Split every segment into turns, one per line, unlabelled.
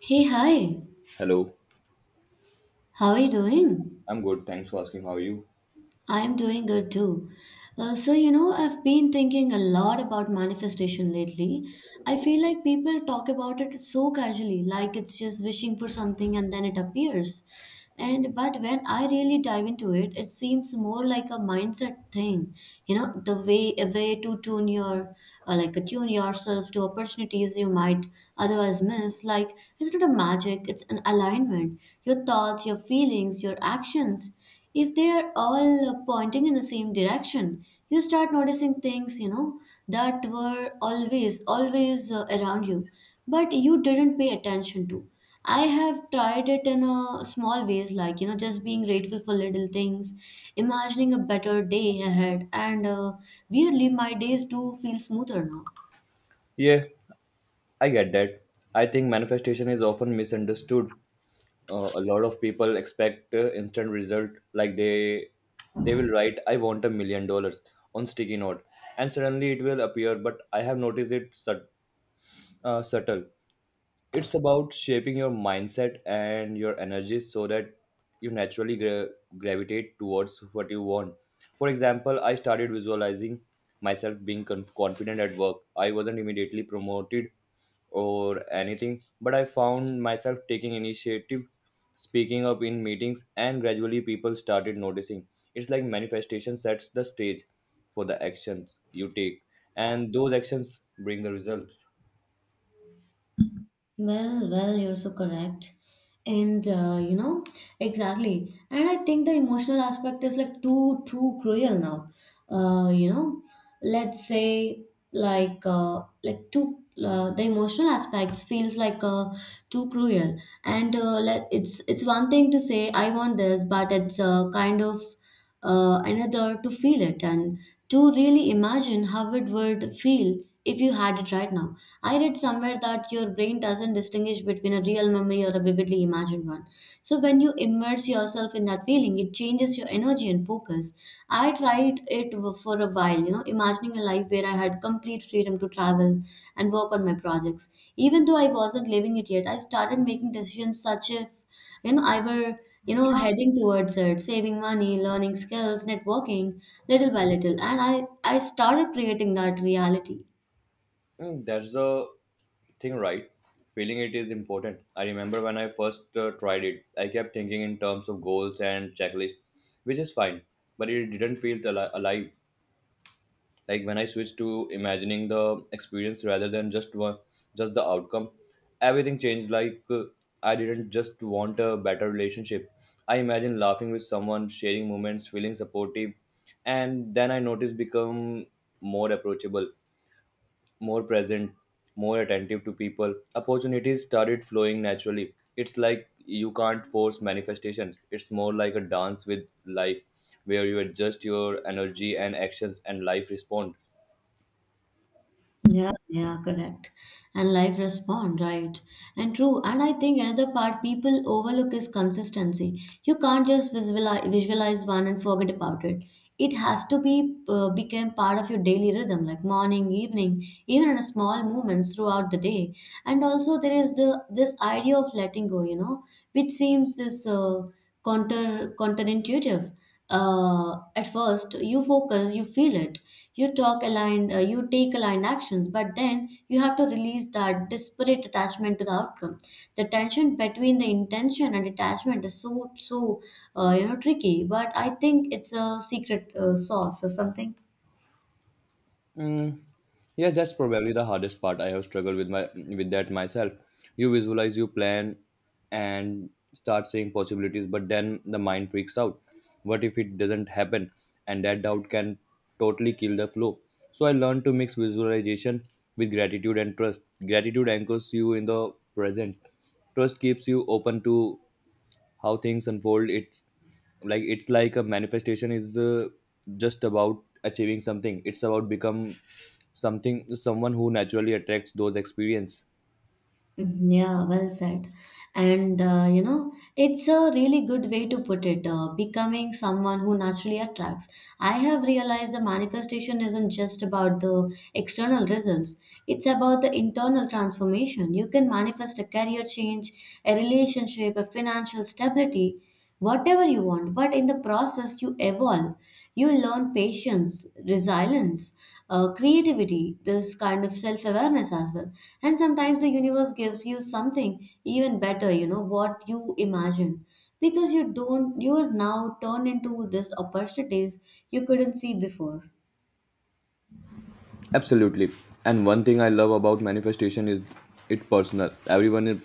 Hey, hi.
Hello,
How are you doing?
I'm good. Thanks for asking. How are you?
I'm doing good too. You know, I've been thinking a lot about manifestation lately. I feel like people talk about it so casually, like it's just wishing for something and then it appears. And but when I really dive into it, it seems more like a mindset thing. You know, the way a way to tune your like attune yourself to opportunities you might otherwise miss. Like it's not a magic; it's an alignment. Your thoughts, your feelings, your actions, if they are all pointing in the same direction, you start noticing things, you know, that were always around you but you didn't pay attention to. I have tried it in a small ways, like, you know, just being grateful for little things, imagining a better day ahead, and weirdly my days do feel smoother now.
Yeah, I get that. I think manifestation is often misunderstood. A lot of people expect instant result, like they will write, "I want $1 million" on sticky note, and suddenly it will appear. But I have noticed it subtle. It's about shaping your mindset and your energy so that you naturally gravitate towards what you want. For example, I started visualizing myself being confident at work. I wasn't immediately promoted or anything, but I found myself taking initiative, speaking up in meetings, and gradually people started noticing. It's like manifestation sets the stage for the actions you take, and those actions bring the results.
Well, you're so correct. And you know, exactly. And I think the emotional aspect is like too cruel now. You know, let's say like too the emotional aspects feels like too cruel. And it's one thing to say I want this, but it's kind of another to feel it and to really imagine how it would feel if you had it right now. I read somewhere that your brain doesn't distinguish between a real memory or a vividly imagined one. So when you immerse yourself in that feeling, it changes your energy and focus. I tried it for a while, you know, imagining a life where I had complete freedom to travel and work on my projects. Even though I wasn't living it yet, I started making decisions such if, you know, I were, you know, heading towards it, saving money, learning skills, networking little by little, and I started creating that reality.
That's a thing, right? Feeling it is important. I remember when I first tried it, I kept thinking in terms of goals and checklist, which is fine, but it didn't feel alive. Like when I switched to imagining the experience rather than just the outcome, everything changed. I didn't just want a better relationship. I imagined laughing with someone, sharing moments, feeling supportive, and then I noticed become more approachable, more present, more attentive to people. Opportunities started flowing naturally. It's like you can't force manifestations. It's more like a dance with life where you adjust your energy and actions, and life respond.
Yeah, yeah, correct. And life respond, right? And true. And I think another part people overlook is consistency. You can't just visualize one and forget about it. It has to be become part of your daily rhythm, like morning, evening, even in a small movements throughout the day. And also there is the this idea of letting go, you know, which seems this counterintuitive. At first, you focus, you feel it, you talk aligned, you take aligned actions, but then you have to release that disparate attachment to the outcome. The tension between the intention and detachment is so you know tricky, but I think it's a secret sauce or something.
Mm, yeah, that's probably the hardest part. I have struggled with my with that myself. You visualize, you plan, and start seeing possibilities, but then the mind freaks out. What if it doesn't happen? And that doubt can totally kill the flow. So I learned to mix visualization with gratitude and trust. Gratitude anchors you in the present. Trust keeps you open to how things unfold. It's like a manifestation is just about achieving something. It's about become something, someone who naturally attracts those experience.
Mhm. Yeah, well said. And you know, it's a really good way to put it, becoming someone who naturally attracts. I have realized the manifestation isn't just about the external results, it's about the internal transformation. You can manifest a career change, a relationship, a financial stability, whatever you want. But in the process, you evolve. You learn patience, resilience, creativity, this kind of self awareness as well. And sometimes the universe gives you something even better, you know, what you imagine. Because you don't, you are now turned into these opportunities you couldn't see before.
Absolutely. And one thing I love about manifestation is it personal. Everyone in-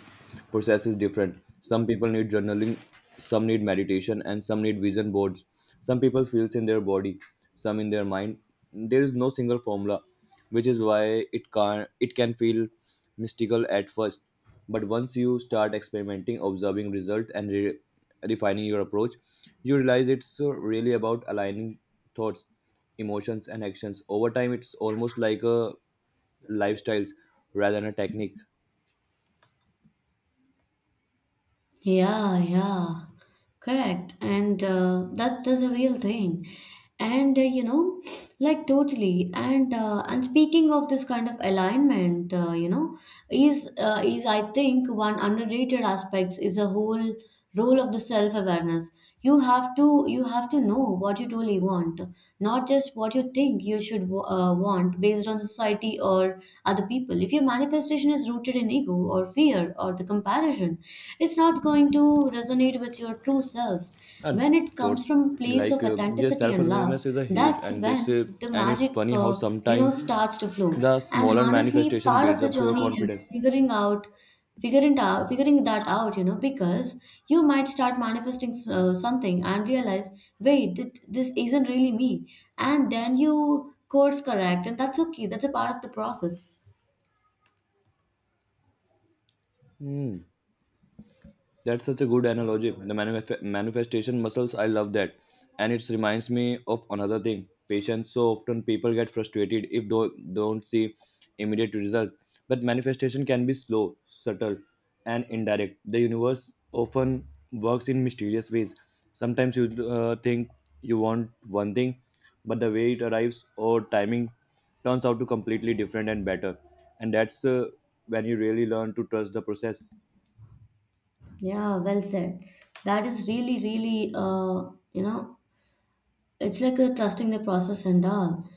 process is different. Some people need journaling, some need meditation, and some need vision boards. Some people feels in their body, some in their mind. There is no single formula, which is why it can feel mystical at first. But once you start experimenting, observing results, and refining your approach, you realize it's really about aligning thoughts, emotions, and actions over time. It's almost like a lifestyles rather than a technique.
Yeah, yeah, correct. And that's a real thing. And you know, like totally. And speaking of this kind of alignment, you know, is I think one underrated aspects is a whole role of the self awareness. You have to know what you truly want, not just what you think you should want based on society or other people. If your manifestation is rooted in ego or fear or the comparison, it's not going to resonate with your true self.
And
When it
thought,
comes from a place of
like yes,
authenticity and love,
self-awareness is a huge,
that's
and this
when the
and it's
magic,
funny how
you know,
sometimes
starts to flow.
the
And
smaller
honestly,
manifestation
part of
builds
the
up your
journey is
confidence.
figuring out, figuring that out, you know, because you might start manifesting something and realize, wait, this isn't really me, and then you course correct, and that's okay. That's a part of the process.
That's such a good analogy. The manifestation muscles, I love that. And it reminds me of another thing, patience. So often people get frustrated if don't see immediate result. But manifestation can be slow, subtle, and indirect. The universe often works in mysterious ways. Sometimes you think you want one thing, but the way it arrives or timing turns out to completely different and better. And that's when you really learn to trust the process.
Yeah, well said. That is really you know, it's like a trusting the process and all.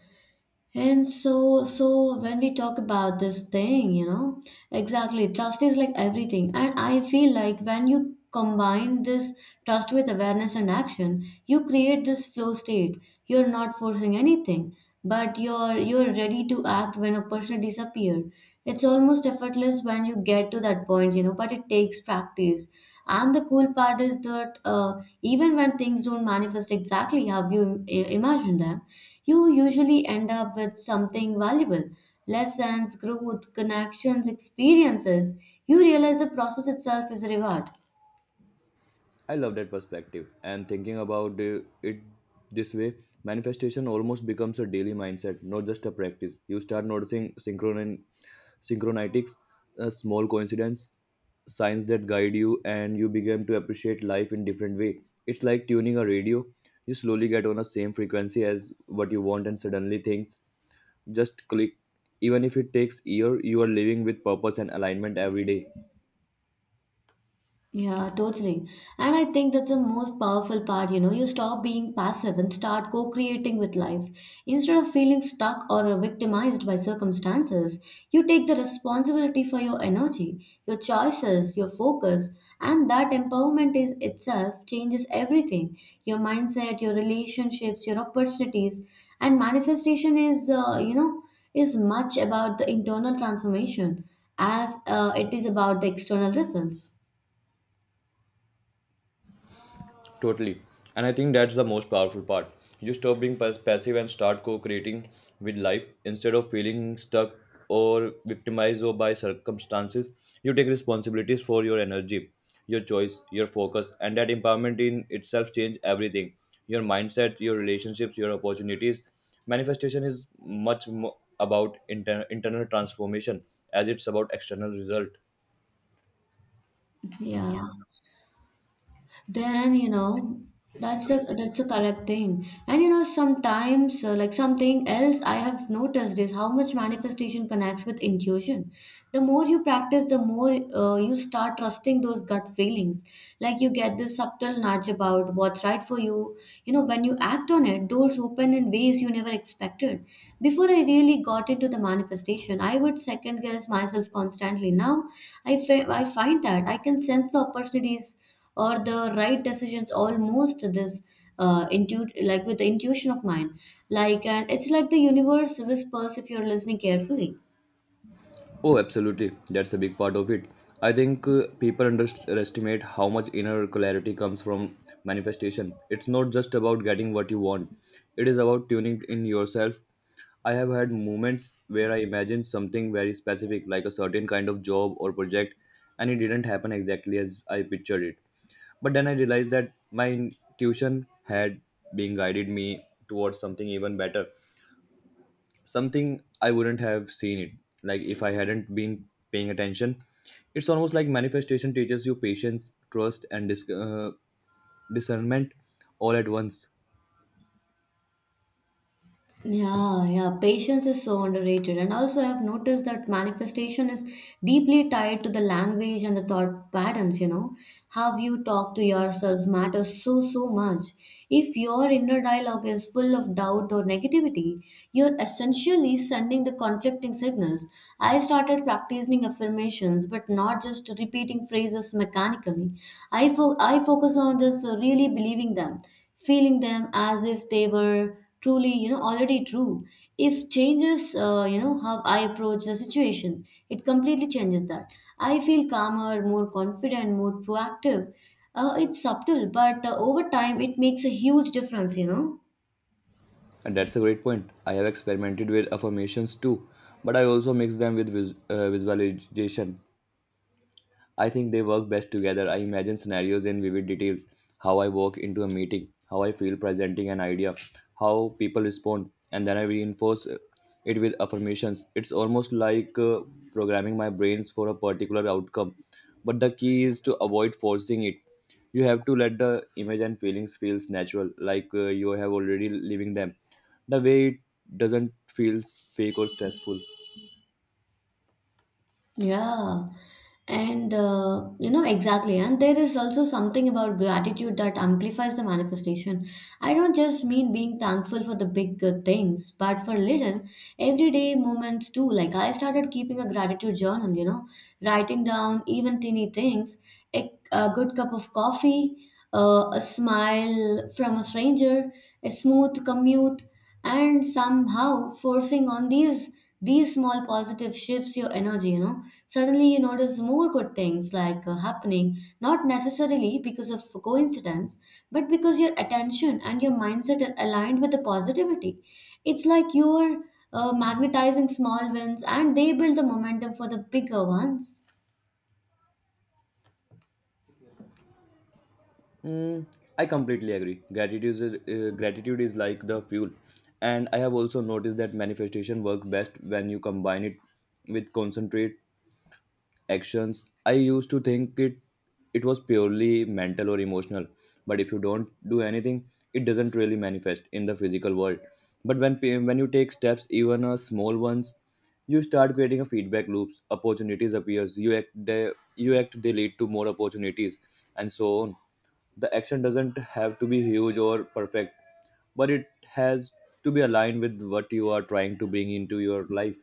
And so when we talk about this thing, you know, exactly, trust is like everything, and I feel like when you combine this trust with awareness and action, you create this flow state. You're not forcing anything, but you're ready to act when a person disappear. It's almost effortless when you get to that point, you know, but it takes practice. And the cool part is that even when things don't manifest exactly how you imagine them, you usually end up with something valuable: lessons, growth, connections, experiences. You realize the process itself is a reward.
I love that perspective. And thinking about it this way, manifestation almost becomes a daily mindset, not just a practice. You start noticing synchronitics, small coincidence, signs that guide you, and you begin to appreciate life in different way. It's like tuning a radio. You slowly get on the same frequency as what you want, and suddenly things just click. Even if it takes year, you are living with purpose and alignment every day.
Yeah, totally. And I think that's the most powerful part, you know. You stop being passive and start co-creating with life. Instead of feeling stuck or victimized by circumstances, you take the responsibility for your energy, your choices, your focus, and that empowerment is itself changes everything. Your mindset, your relationships, your opportunities, and manifestation is, you know, is much about the internal transformation as it is about the external results.
Totally. And I think that's the most powerful part. You stop being passive and start co creating with life, instead of feeling stuck or victimized or by circumstances. You take responsibilities for your energy, your choice, your focus, and that empowerment in itself changes everything, your mindset, your relationships, your opportunities. Manifestation is much more about internal transformation as it's about external result.
Yeah, then you know that's a correct thing. And you know sometimes like something else I have noticed is how much manifestation connects with intuition. The more you practice, the more you start trusting those gut feelings. Like you get this subtle nudge about what's right for you. You know when you act on it, doors open in ways you never expected. Before I really got into the manifestation, I would second guess myself constantly. Now I find that I can sense the opportunities or the right decisions almost this intu like with the intuition of mine, like, and it's like the universe whispers if you're listening carefully.
Oh, absolutely. That's a big part of it. I think people underestimate how much inner clarity comes from manifestation. It's not just about getting what you want, it is about tuning in yourself. I have had moments where I imagined something very specific, like a certain kind of job or project, and it didn't happen exactly as I pictured it. But then I realized that my intuition had been guided me towards something even better, something I wouldn't have seen it. Like if I hadn't been paying attention, it's almost like manifestation teaches you patience, trust, and discernment all at once.
Yeah, yeah, patience is so underrated. And also, I've noticed that manifestation is deeply tied to the language and the thought patterns, you know. How you talk to yourself matters so, so much. If your inner dialogue is full of doubt or negativity, you're essentially sending the conflicting signals. I started practicing affirmations, but not just repeating phrases mechanically. I focus on this really believing them, feeling them as if they were truly, you know, already true. If changes you know how I approach the situation, it completely changes that. I feel calmer, more confident, more proactive. It's subtle, but over time it makes a huge difference, you know.
And that's a great point. I have experimented with affirmations too, but I also mix them with visualization. I think they work best together. I imagine scenarios in vivid details, how I walk into a meeting, how I feel presenting an idea, how people respond, and then I reinforce it with affirmations. It's almost like programming my brains for a particular outcome. But the key is to avoid forcing it. You have to let the image and feelings feels natural, like you have already living them. The way it doesn't feel fake or stressful.
Yeah. And you know, exactly. And there is also something about gratitude that amplifies the manifestation. I don't just mean being thankful for the big things, but for little everyday moments too. Like I started keeping a gratitude journal, you know, writing down even teeny things, a good cup of coffee, a smile from a stranger, a smooth commute, and somehow forcing on these small positive shifts your energy, you know. Suddenly, you notice more good things like happening, not necessarily because of coincidence, but because your attention and your mindset are aligned with the positivity. It's like you're magnetizing small wins and they build the momentum for the bigger ones.
I completely agree. Gratitude is like the fuel. And I have also noticed that manifestation work best when you combine it with concentrate actions. I used to think it was purely mental or emotional, but if you don't do anything, it doesn't really manifest in the physical world. But when you take steps, even a small ones, you start creating a feedback loops. Opportunities appears, you act they lead to more opportunities, and so on. The action doesn't have to be huge or perfect, but it has to be aligned with what you are trying to bring into your life.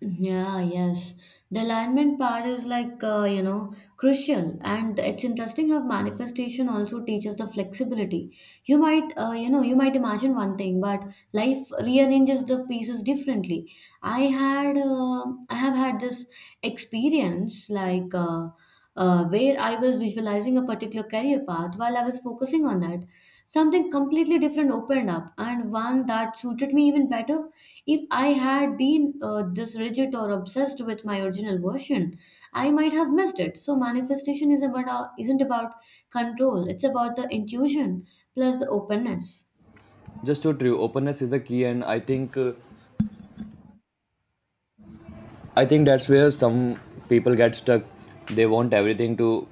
Yeah, yes. The alignment part is like, you know, crucial. And it's interesting how manifestation also teaches the flexibility. You might, you know, you might imagine one thing, but life rearranges the pieces differently. I have had this experience like, where I was visualizing a particular career path while I was focusing on that. Something completely different opened up, and one that suited me even better. If I had been this rigid or obsessed with my original version, I might have missed it. So manifestation is about isn't about control; it's about the intuition plus the openness.
Just so true, openness is the key. And I think that's where some people get stuck. They want everything to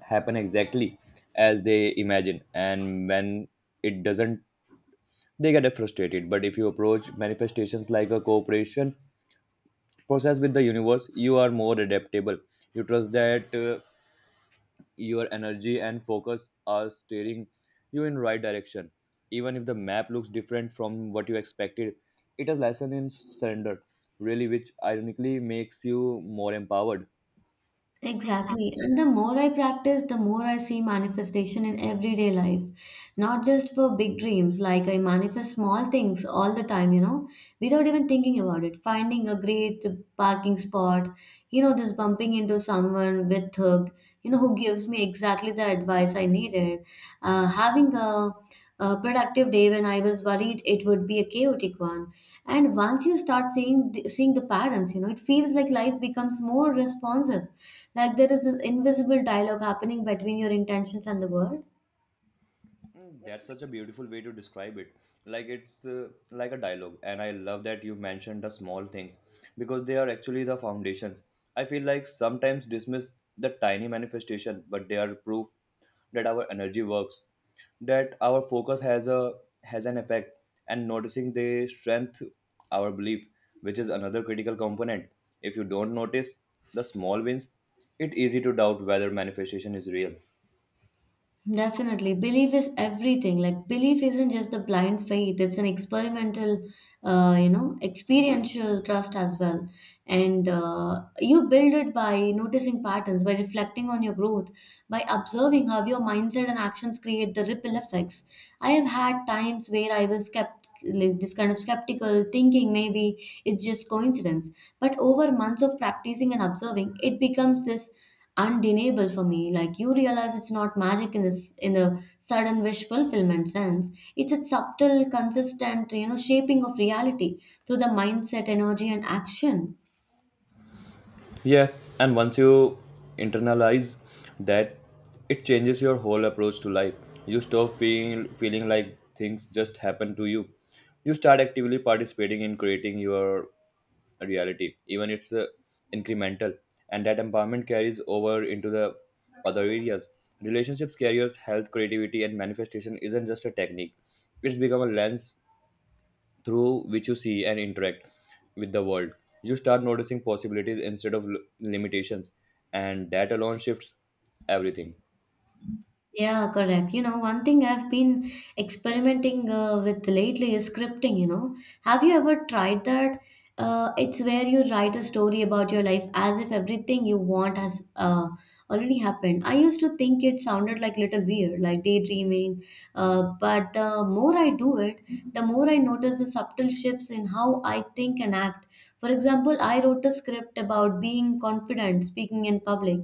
happen exactly as they imagine, and when it doesn't, they get frustrated. But if you approach manifestations like a cooperation process with the universe, you are more adaptable. You trust that your energy and focus are steering you in right direction. Even if the map looks different from what you expected, it is lesson in surrender, really, which ironically makes you more empowered.
Exactly. And the more I practice, the more I see manifestation in everyday life. Not just for big dreams, like I manifest small things all the time, you know, without even thinking about it. Finding a great parking spot, you know, just bumping into someone with hug, you know, who gives me exactly the advice I needed. Having a productive day when I was worried it would be a chaotic one. And once you start seeing the patterns, you know, it feels like life becomes more responsive. Like there is this invisible dialogue happening between your intentions and the world.
That's such a beautiful way to describe it. Like a dialogue, and I love that you mentioned the small things because they are actually the foundations. I feel like sometimes dismiss the tiny manifestation, but they are proof that our energy works, that our focus has an effect, and noticing they strengthen our belief, which is another critical component. If you don't notice the small wins, it's easy to doubt whether manifestation is real.
Definitely. Belief is everything. Like belief isn't just the blind faith, it's an experimental, you know, experiential trust as well. And you build it by noticing patterns, by reflecting on your growth, by observing how your mindset and actions create the ripple effects. I have had times where I was kept this kind of skeptical thinking maybe it's just coincidence, but over months of practicing and observing it becomes this undeniable for me. Like you realize it's not magic in this in the sudden wish fulfillment sense. It's a subtle, consistent, shaping of reality through the mindset, energy, and action.
Yeah, and once you internalize that, it changes your whole approach to life. You stop feeling like things just happen to you. You start actively participating in creating your reality, even it's incremental. And that empowerment carries over into the other areas. Relationships, careers, health, creativity, and manifestation isn't just a technique. It's become a lens through which you see and interact with the world. You start noticing possibilities instead of limitations, and that alone shifts everything.
Yeah, correct. You know, one thing I've been experimenting with lately is scripting, you know. Have you ever tried that? It's where you write a story about your life as if everything you want has already happened. I used to think it sounded like little weird, like daydreaming, but the more I do it, the more I notice the subtle shifts in how I think and act. For example, I wrote a script about being confident, speaking in public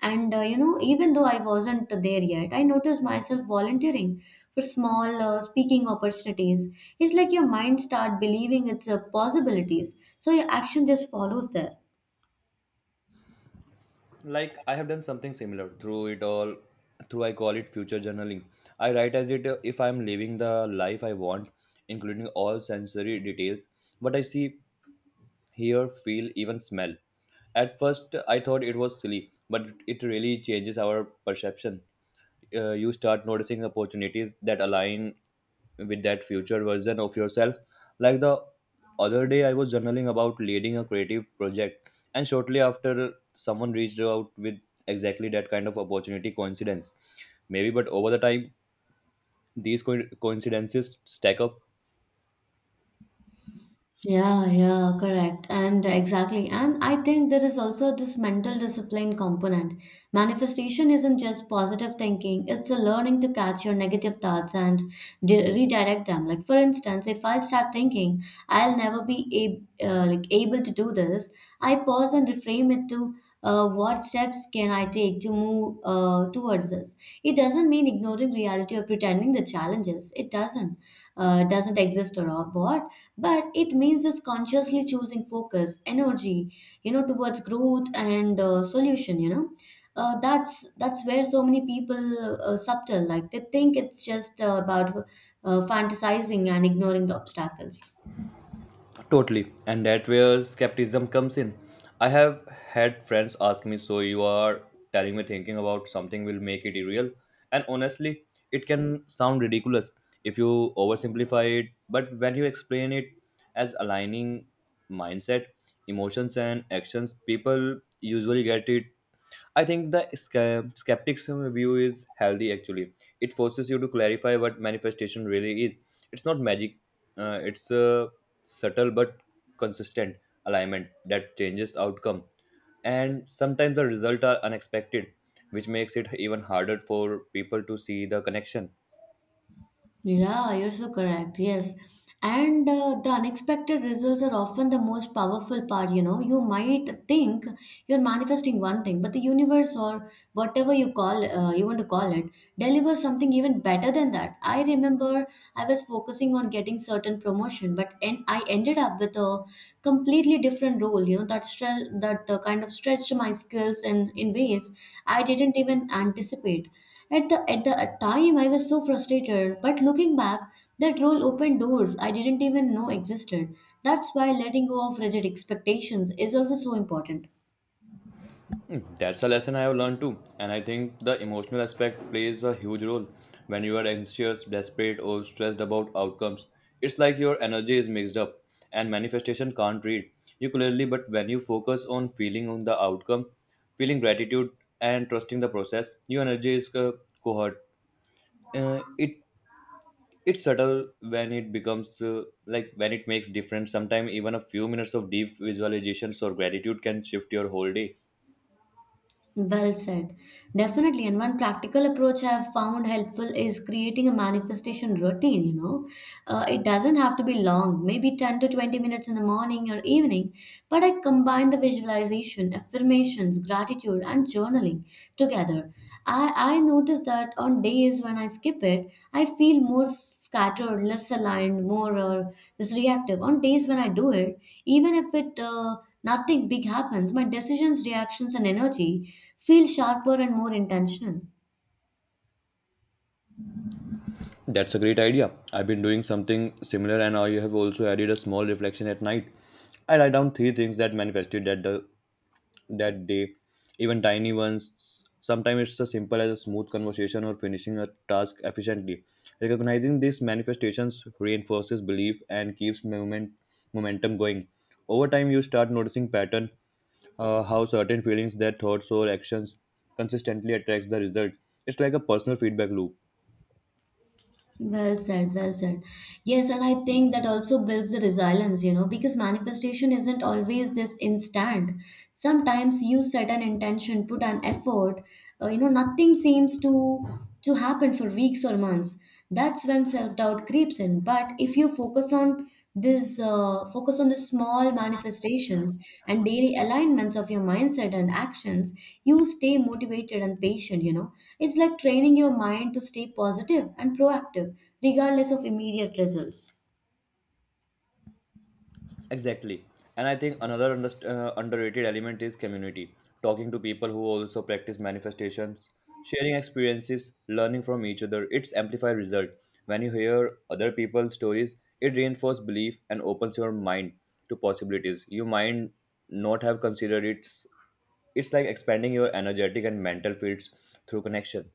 and even though I wasn't there yet, I noticed myself volunteering for small speaking opportunities. It's like your mind start believing it's possibilities, so your action just follows there.
Like I have done something similar through it all. Through I call it future journaling. I write as it if I'm living the life I want, including all sensory details, what I see, hear, feel, even smell. At first, I thought it was silly, but it really changes our perception. You start noticing opportunities that align with that future version of yourself. Like the other day, I was journaling about leading a creative project, and shortly after, someone reached out with exactly that kind of opportunity coincidence. Maybe, but over the time, these coincidences stack up.
Yeah, yeah, correct. And exactly. And I think there is also this mental discipline component. Manifestation isn't just positive thinking, it's a learning to catch your negative thoughts and redirect them. Like for instance, if I start thinking I'll never be like able to do this, I pause and reframe it to what steps can I take to move towards this? It doesn't mean ignoring reality or pretending the challenges. It doesn't exist or what, but it means just consciously choosing focus energy, you know, towards growth and solution, you know, that's where so many people subtle like they think it's just about fantasizing and ignoring the obstacles.
Totally. And that where skepticism comes in. I have had friends ask me, so you are telling me thinking about something will make it real? And honestly, it can sound ridiculous if you oversimplify it, but when you explain it as aligning mindset, emotions, and actions, people usually get it. I think the skeptics view is healthy actually. It forces you to clarify what manifestation really is. It's not magic, it's a subtle but consistent alignment that changes outcome. And sometimes the results are unexpected, which makes it even harder for people to see the connection.
Yeah, you're so correct. Yes. And the unexpected results are often the most powerful part. You know, you might think you're manifesting one thing, but the universe or whatever you call you want to call it delivers something even better than that. I remember I was focusing on getting certain promotion, but and I ended up with a completely different role. You know, that stress that kind of stretched my skills in ways I didn't even anticipate at the time, I was so frustrated, but looking back, that role opened doors I didn't even know existed. That's why letting go of rigid expectations is also so important.
That's a lesson I have learned too, and I think the emotional aspect plays a huge role. When you are anxious, desperate, or stressed about outcomes, it's like your energy is mixed up and manifestation can't read you clearly. But when you focus on feeling on the outcome, feeling gratitude, and trusting the process, your energy is cohort. Uh, it it's subtle when it becomes like when it makes difference. Sometimes even a few minutes of deep visualizations or gratitude can shift your whole day.
Well said. Definitely. And one practical approach I've found helpful is creating a manifestation routine, you know. It doesn't have to be long, maybe 10 to 20 minutes in the morning or evening, but I combine the visualization, affirmations, gratitude, and journaling together. I notice that on days when I skip it, I feel more scattered, less aligned, more just reactive. On days when I do it, even if it nothing big happens, my decisions, reactions, and energy feel sharper and more intentional.
That's a great idea. I've been doing something similar and I have also added a small reflection at night. I write down three things that manifested that day, even tiny ones. Sometimes it's as simple as a smooth conversation or finishing a task efficiently. Recognizing these manifestations reinforces belief and keeps momentum going. Over time, you start noticing pattern, how certain feelings, their thoughts or actions consistently attracts the result. It's like a personal feedback loop.
Well said, well said. Yes, and I think that also builds the resilience, you know, because manifestation isn't always this instant. Sometimes you set an intention, put an effort, you know, nothing seems to happen for weeks or months. That's when self-doubt creeps in. But if you focus on this focus on the small manifestations and daily alignments of your mindset and actions, you stay motivated and patient. You know, it's like training your mind to stay positive and proactive, regardless of immediate results.
Exactly. And I think another underrated element is community. Talking to people who also practice manifestations, sharing experiences, learning from each other, it's amplified result. When you hear other people's stories, it reinforces belief and opens your mind to possibilities. You might not have considered it's like expanding your energetic and mental fields through connection.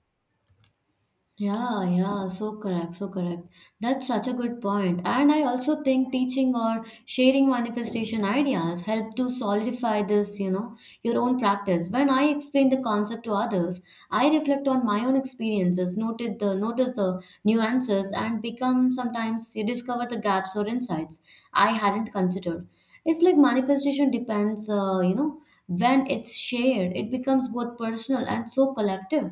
Yeah, yeah, so correct, so correct. That's such a good point. And I also think teaching or sharing manifestation ideas help to solidify this, you know, your own practice. When I explain the concept to others, I reflect on my own experiences, noted the notice the nuances and become sometimes you discover the gaps or insights I hadn't considered. It's like manifestation depends, you know, when it's shared, it becomes both personal and so collective.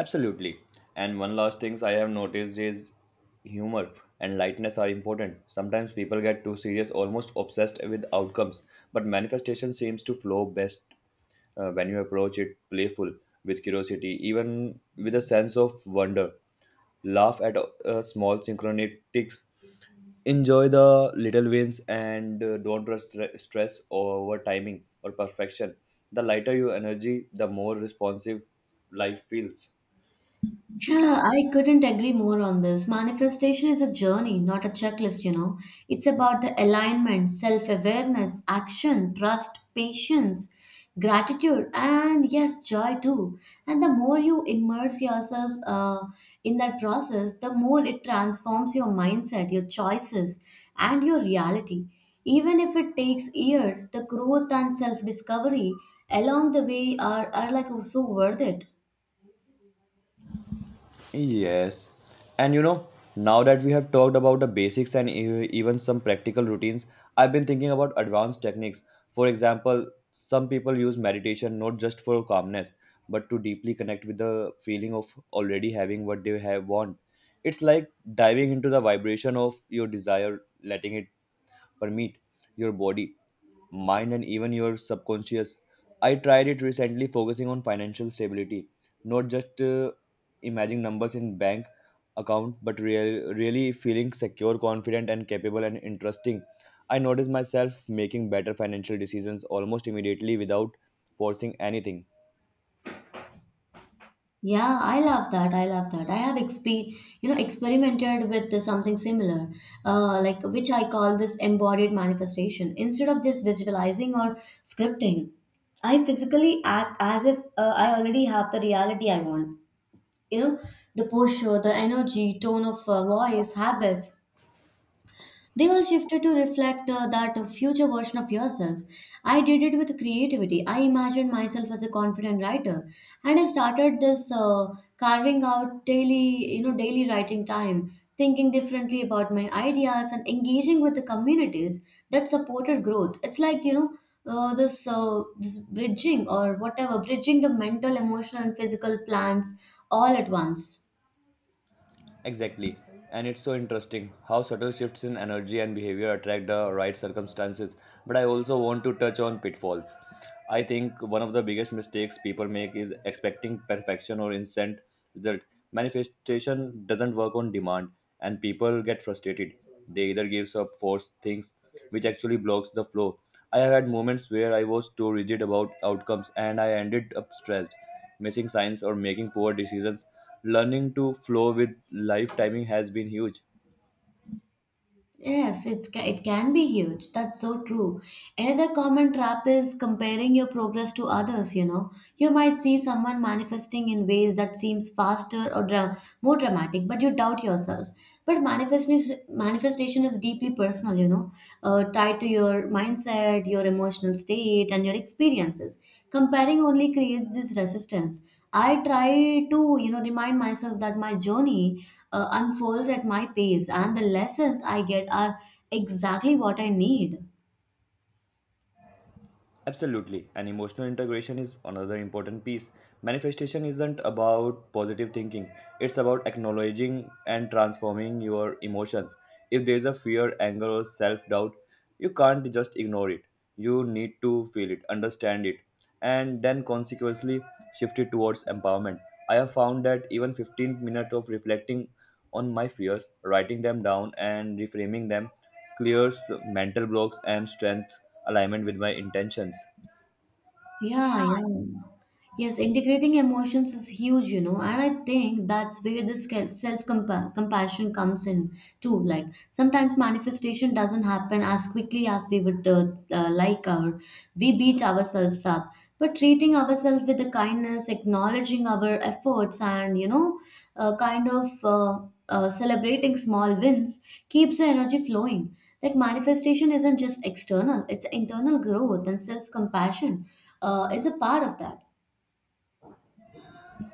Absolutely. And one last things I have noticed is humor and lightness are important. Sometimes people get too serious, almost obsessed with outcomes, but manifestation seems to flow best when you approach it playful, with curiosity, even with a sense of wonder. Laugh at small synchronicities, enjoy the little wins, and don't trust stress over timing or perfection. The lighter your energy, the more responsive life feels.
Yeah, I couldn't agree more on this. Manifestation is a journey, not a checklist, you know. It's about the alignment, self awareness, action, trust, patience, gratitude, and yes, joy too. And the more you immerse yourself in that process, the more it transforms your mindset, your choices, and your reality. Even if it takes years, the growth and self discovery along the way are like so worth it.
Yes. And you know, now that we have talked about the basics and even some practical routines, I've been thinking about advanced techniques. For example, some people use meditation not just for calmness, but to deeply connect with the feeling of already having what they have want. It's like diving into the vibration of your desire, letting it permit your body, mind, and even your subconscious. I tried it recently, focusing on financial stability, not just imagining numbers in bank account, but really feeling secure, confident, and capable and interesting. I noticed myself making better financial decisions almost immediately without forcing anything.
Yeah, I love that. I love that. I have exp You know, experimented with something similar, like which I call this embodied manifestation. Instead of just visualizing or scripting, I physically act as if I already have the reality I want. You know, the posture, the energy, tone of voice, habits. They all shifted to reflect that future version of yourself. I did it with creativity. I imagined myself as a confident writer, and I started this carving out daily, you know, daily writing time, thinking differently about my ideas and engaging with the communities that supported growth. It's like, you know. This bridging or whatever bridging the mental emotional and physical plans all at once.
Exactly. And it's so interesting how subtle shifts in energy and behavior attract the right circumstances. But I also want to touch on pitfalls. I think one of the biggest mistakes people make is expecting perfection or instant result. Manifestation doesn't work on demand, and people get frustrated. They either gives up, force things, which actually blocks the flow. I have had moments where I was too rigid about outcomes and I ended up stressed, missing signs, or making poor decisions learning to flow with life timing has been huge.
Yes, it can be huge. That's so true. Another common trap is comparing your progress to others, you know. You might see someone manifesting in ways that seems faster or more dramatic, but you doubt yourself. But manifestation is deeply personal, you know, tied to your mindset, your emotional state, and your experiences. Comparing only creates this resistance. I try to, you know, remind myself that my journey unfolds at my pace, and the lessons I get are exactly what I need.
Absolutely, and emotional integration is another important piece. Manifestation isn't about positive thinking, it's about acknowledging and transforming your emotions. If there's a fear, anger or self-doubt, you can't just ignore it. You need to feel it, understand it, and then consequently shift it towards empowerment. I have found that even 15 minutes of reflecting on my fears, writing them down and reframing them clears mental blocks and strengths alignment with my intentions.
Yeah, yeah. Yes, integrating emotions is huge, you know, and I think that's where this self compassion comes in too. Like sometimes manifestation doesn't happen as quickly as we would like, or we beat ourselves up. But treating ourselves with the kindness, acknowledging our efforts, and you know, kind of celebrating small wins keeps the energy flowing. Like manifestation isn't just external; it's internal growth and self compassion is a part of that.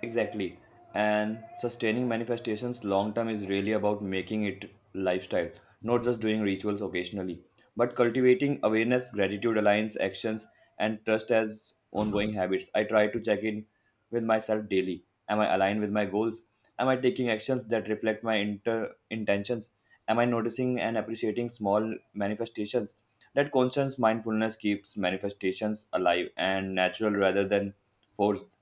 Exactly. And sustaining manifestations long term is really about making it lifestyle, not just doing rituals occasionally, but cultivating awareness, gratitude, alliance, actions, and trust as ongoing habits. I try to check in with myself daily. Am I aligned with my goals? Am I taking actions that reflect my intentions? Am I noticing and appreciating small manifestations? That constant mindfulness keeps manifestations alive and natural rather than forced.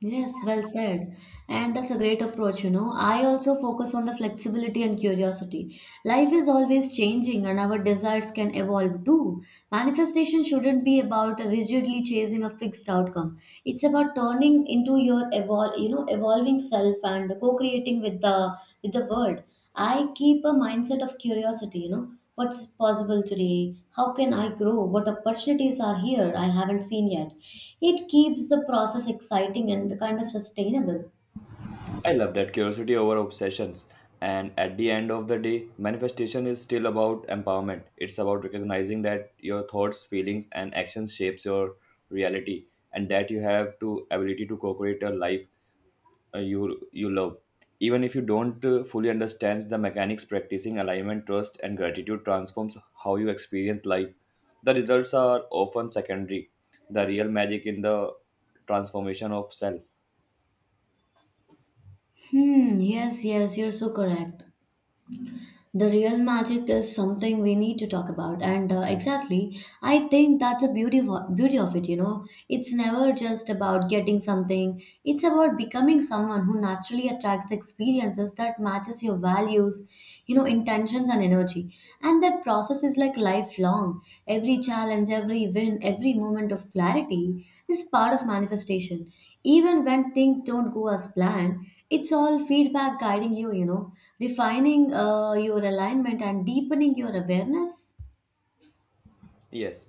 Yes, well said. And that's a great approach, you know. I also focus on the flexibility and curiosity. Life is always changing and our desires can evolve too. Manifestation shouldn't be about rigidly chasing a fixed outcome. It's about turning into you know, evolving self and co-creating with the world. I keep a mindset of curiosity, you know, what's possible today? How can I grow? What opportunities are here I haven't seen yet? It keeps the process exciting and kind of sustainable.
I love that curiosity over obsessions. And at the end of the day, manifestation is still about empowerment. It's about recognizing that your thoughts, feelings, and actions shapes your reality, and that you have to ability to co-create a life you love. Even if you don't fully understand the mechanics, practicing alignment, trust, and gratitude transforms how you experience life. The results are often secondary. The real magic in the transformation of self.
Hmm, yes, yes, you're so correct. The real magic is something we need to talk about, and exactly, I think that's a beauty of it. You know, it's never just about getting something; it's about becoming someone who naturally attracts the experiences that matches your values, you know, intentions and energy. And that process is like lifelong. Every challenge, every win, every moment of clarity is part of manifestation. Even when things don't go as planned, it's all feedback guiding you, you know, refining your alignment and deepening your awareness.
Yes.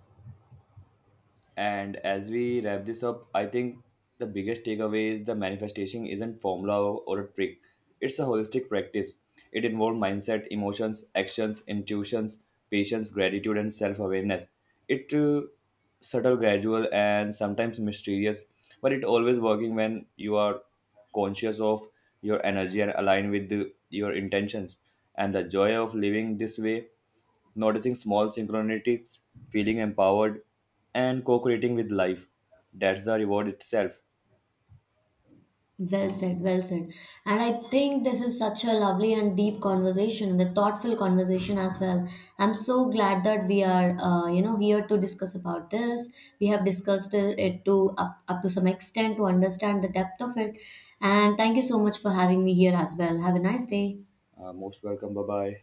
And as we wrap this up, I think the biggest takeaway is the manifestation isn't formula or a trick. It's a holistic practice. It involves mindset, emotions, actions, intuitions, patience, gratitude, and self-awareness. It subtle, gradual, and sometimes mysterious, but it always working when you are conscious of your energy and aligned with your intentions. And the joy of living this way noticing small synchronicities, feeling empowered, and co creating with life. That's the reward itself.
Well said, well said. And I think this is such a lovely and deep conversation, the thoughtful conversation as well. I'm so glad that we are, you know, here to discuss about this. We have discussed it it to up to some extent to understand the depth of it. And thank you so much for having me here as well. Have a nice day.
Most welcome. Bye bye.